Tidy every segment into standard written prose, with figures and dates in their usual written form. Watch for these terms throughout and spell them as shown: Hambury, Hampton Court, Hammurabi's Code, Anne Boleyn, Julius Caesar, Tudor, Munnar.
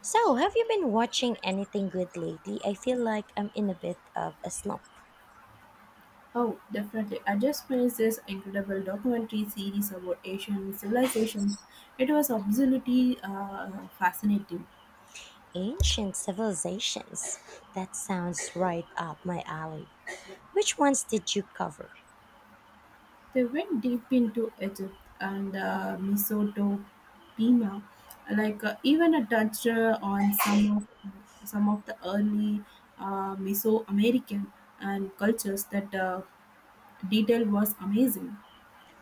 So, have you been watching anything good lately? I feel like I'm in a bit of a slump. Oh, definitely. I just finished this incredible documentary series about Asian civilizations. It was absolutely fascinating. Ancient civilizations. That sounds right up my alley. Which ones did you cover? They went deep into Egypt and Mesopotamia, like even a touch on some of the early Mesoamerican and cultures. That detail was amazing.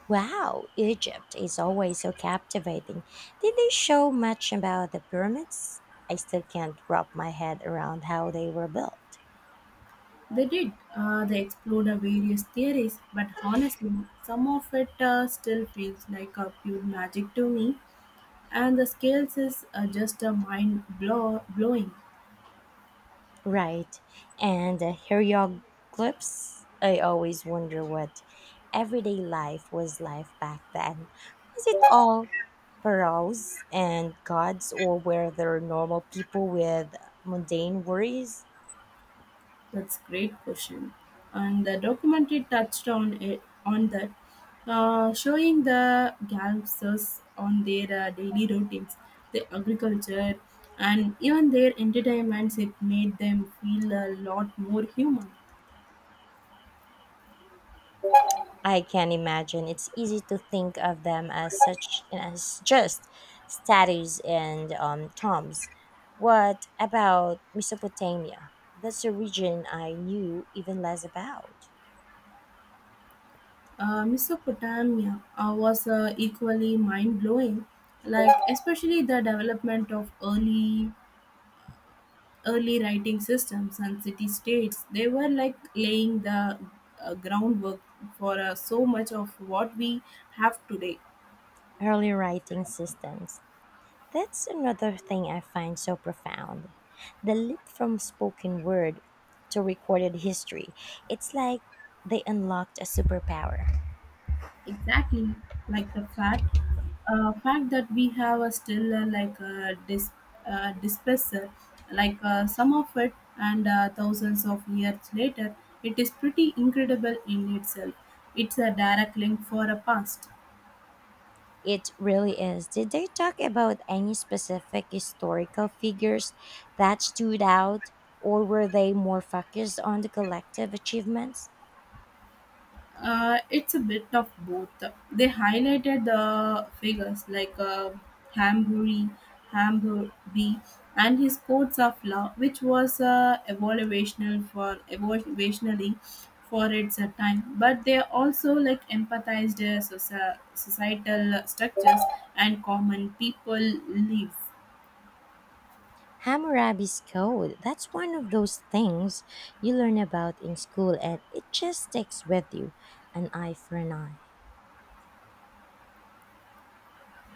Wow, Egypt is always so captivating. Did they show much about the pyramids? I still can't wrap my head around how they were built. They did. They explored various theories, but honestly, some of it still feels like a pure magic to me. And the scales is just a blowing. Right. And hieroglyphs, I always wonder what everyday life was like back then. Was it all pharaohs and gods, or were there normal people with mundane worries? That's great question. And the documentary touched on it on that, showing the gangsters on their daily routines, their agriculture, and even their entertainments. It made them feel a lot more human. I can imagine it's easy to think of them as such as just statues and tombs. What about Mesopotamia? That's a region I knew even less about. Mesopotamia was equally mind blowing, like especially the development of early writing systems and city states. They were like laying the groundwork for so much of what we have today. Early writing systems. That's another thing I find so profound. The leap from spoken word to recorded history. It's like they unlocked a superpower. Exactly, like the fact that we have a still disperser like some of it and thousands of years later, it is pretty incredible in itself. It's a direct link for a past. It really is. Did they talk about any specific historical figures that stood out, or were they more focused on the collective achievements? It's a bit of both. They highlighted the figures like Hambury, Hamburby, and his codes of law, which was evaluationally for its time. But they also like empathized societal structures and common people lives. Hammurabi's Code, that's one of those things you learn about in school and it just sticks with you. An eye for an eye.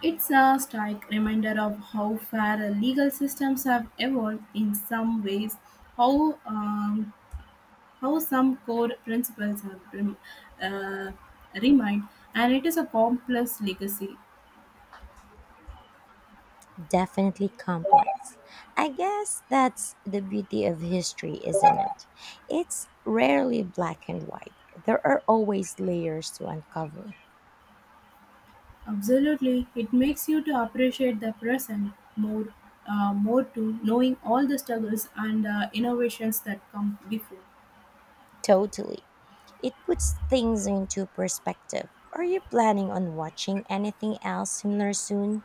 It's a stark reminder of how far legal systems have evolved in some ways, how um, how some core principles have uh, remained, and it is a complex legacy. Definitely complex. I guess that's the beauty of history, isn't it? It's rarely black and white. There are always layers to uncover. Absolutely, it makes you to appreciate the present more, more to knowing all the struggles and innovations that come before. Totally. It puts things into perspective. Are you planning on watching anything else similar soon?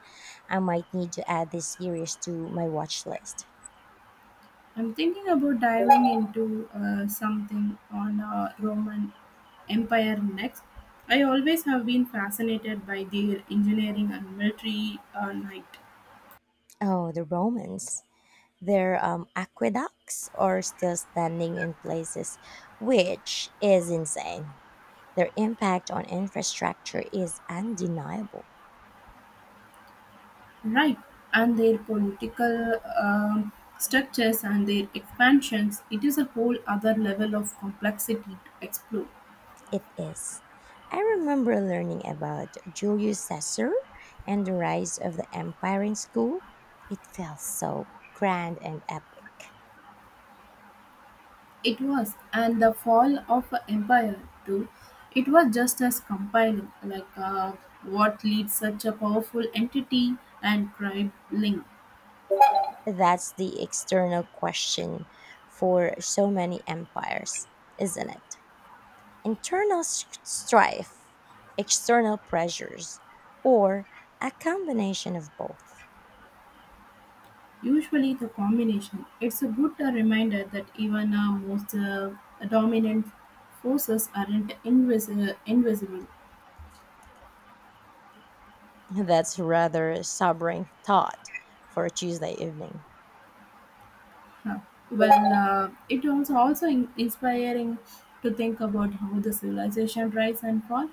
I might need to add this series to my watch list. I'm thinking about diving into something on Roman Empire next. I always have been fascinated by their engineering and military might. Oh, the Romans. Their aqueducts are still standing in places, which is insane. Their impact on infrastructure is undeniable. Right, and their political structures and their expansions, it is a whole other level of complexity to explore. It is. I remember learning about Julius Caesar and the rise of the empire in school. It felt so grand and epic. It was, and the fall of an empire too, it was just as compelling, like what leads such a powerful entity and tribe link. That's the external question for so many empires, isn't it? Internal strife, external pressures, or a combination of both. Usually, the combination. It's a good reminder that even most dominant forces aren't invisible. That's rather a sobering thought for a Tuesday evening. Huh. Well, it was also inspiring to think about how the civilization rise and fall,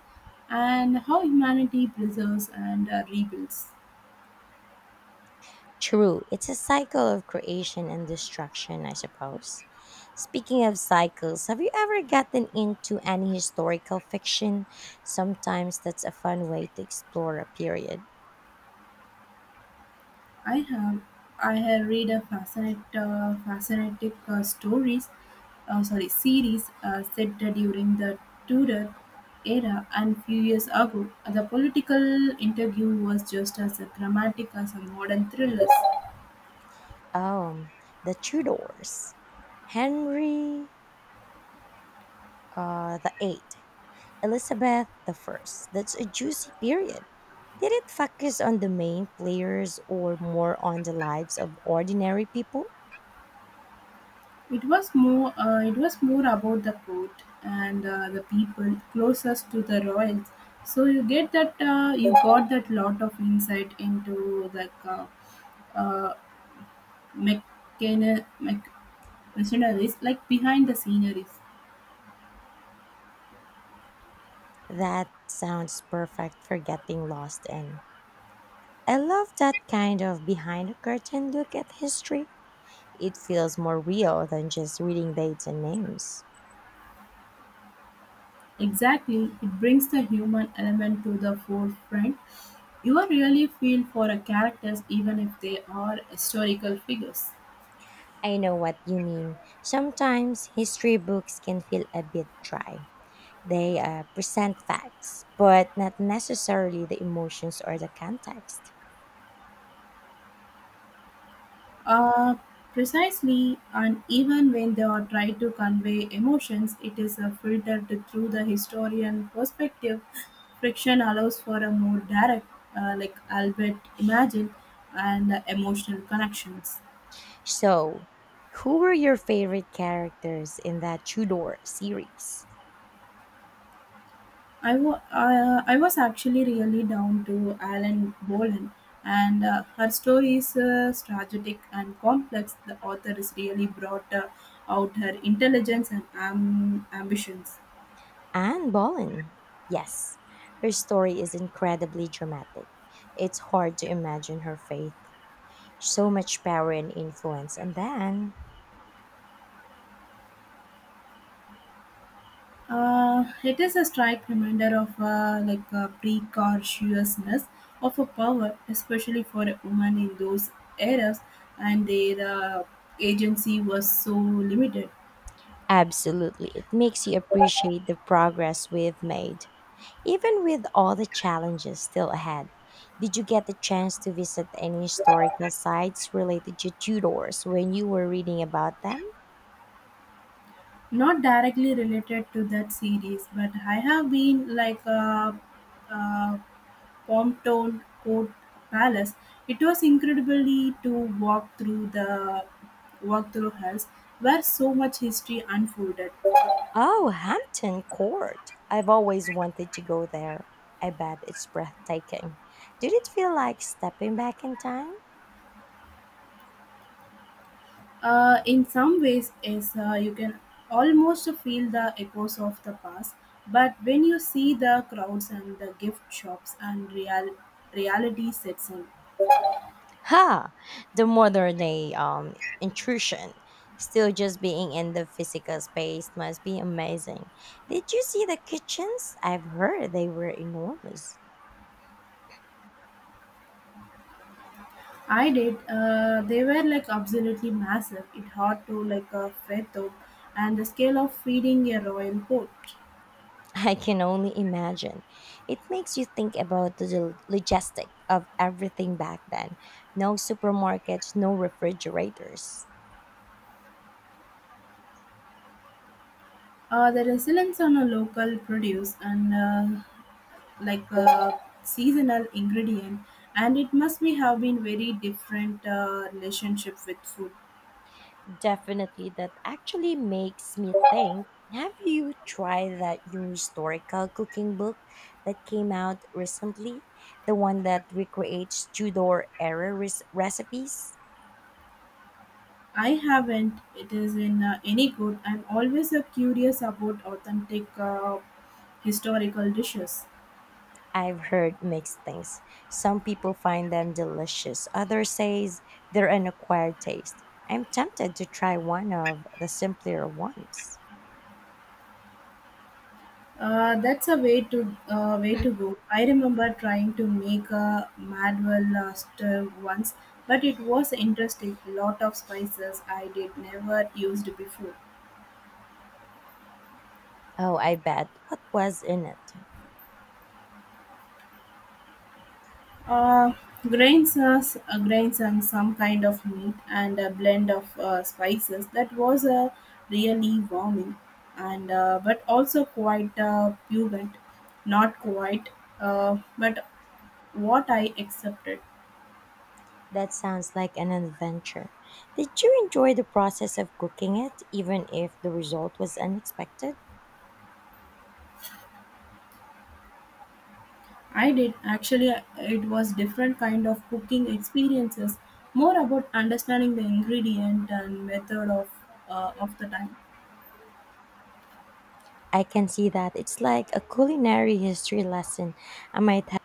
and how humanity preserves and rebuilds. True, it's a cycle of creation and destruction, I suppose. Speaking of cycles, have you ever gotten into any historical fiction? Sometimes that's a fun way to explore a period. I have I have read a fascinating stories, sorry series set during the Tudor era and few years ago. The political interview was just as dramatic as a modern thrillers. Oh, the Tudors, Henry the Eighth, Elizabeth the First. That's a juicy period. Did it focus on the main players or more on the lives of ordinary people? It was more about the court and the people closest to the royals. So you got that lot of insight into the uh, mechana- mech- machineries like behind the sceneries. That sounds perfect for getting lost in. I love that kind of behind the curtain look at history. It feels more real than just reading dates and names. Exactly, it brings the human element to the forefront. You really feel for a characters even if they are historical figures. I know what you mean. Sometimes history books can feel a bit dry. They present facts, but not necessarily the emotions or the context. Uh, precisely, and even when they are trying to convey emotions, it is filtered through the historian perspective. Friction allows for a more direct, like Albert imagined, and emotional connections. So, who were your favorite characters in that Tudor series? I was actually really down to Alan Boland, and her story is strategic and complex. The author is really brought out her intelligence and ambitions. Anne Boleyn. Yes, her story is incredibly dramatic. It's hard to imagine her faith, so much power and influence, and then It is a stark reminder of like a precautiousness of a power, especially for a woman in those eras, and their agency was so limited. absolutely, it makes you appreciate the progress we've made, even with all the challenges still ahead. Did you get the chance to visit any historical sites related to Tudors when you were reading about them? Not directly related to that series, but I have been like a Pompton Court Palace. It was incredibly to walk through the walk through halls where so much history unfolded. Oh, Hampton Court. I've always wanted to go there. I bet it's breathtaking. Did it feel like stepping back in time? In some ways, is you can almost feel the echoes of the past. But when you see the crowds and the gift shops and reality sets in. Ha! The modern day intrusion. Still just being in the physical space must be amazing. Did you see the kitchens? I've heard they were enormous. I did. They were like absolutely massive. It hard to like a fret out, and the scale of feeding a royal court. I can only imagine. It makes you think about the logistic of everything back then. No supermarkets, no refrigerators. The resilience on a local produce and like a seasonal ingredient, and it must be have been very different relationship with food. Definitely, that actually makes me think. Have you tried that new historical cooking book that came out recently? The one that recreates Tudor era recipes? I haven't. It is in any good. I'm always curious about authentic historical dishes. I've heard mixed things. Some people find them delicious. Others says they're an acquired taste. I'm tempted to try one of the simpler ones. That's a way to way to go. I remember trying to make a madwell last stir once, but it was interesting. Lot of spices I did never used before. Oh, I bet. What was in it? Uh, grains and some kind of meat and a blend of spices. That was really warming, and but also quite pungent, not quite, but what I accepted. That sounds like an adventure. Did you enjoy the process of cooking it, even if the result was unexpected? I did actually. It was different kind of cooking experiences, more about understanding the ingredient and method of the time. I can see that. It's like a culinary history lesson. I might have.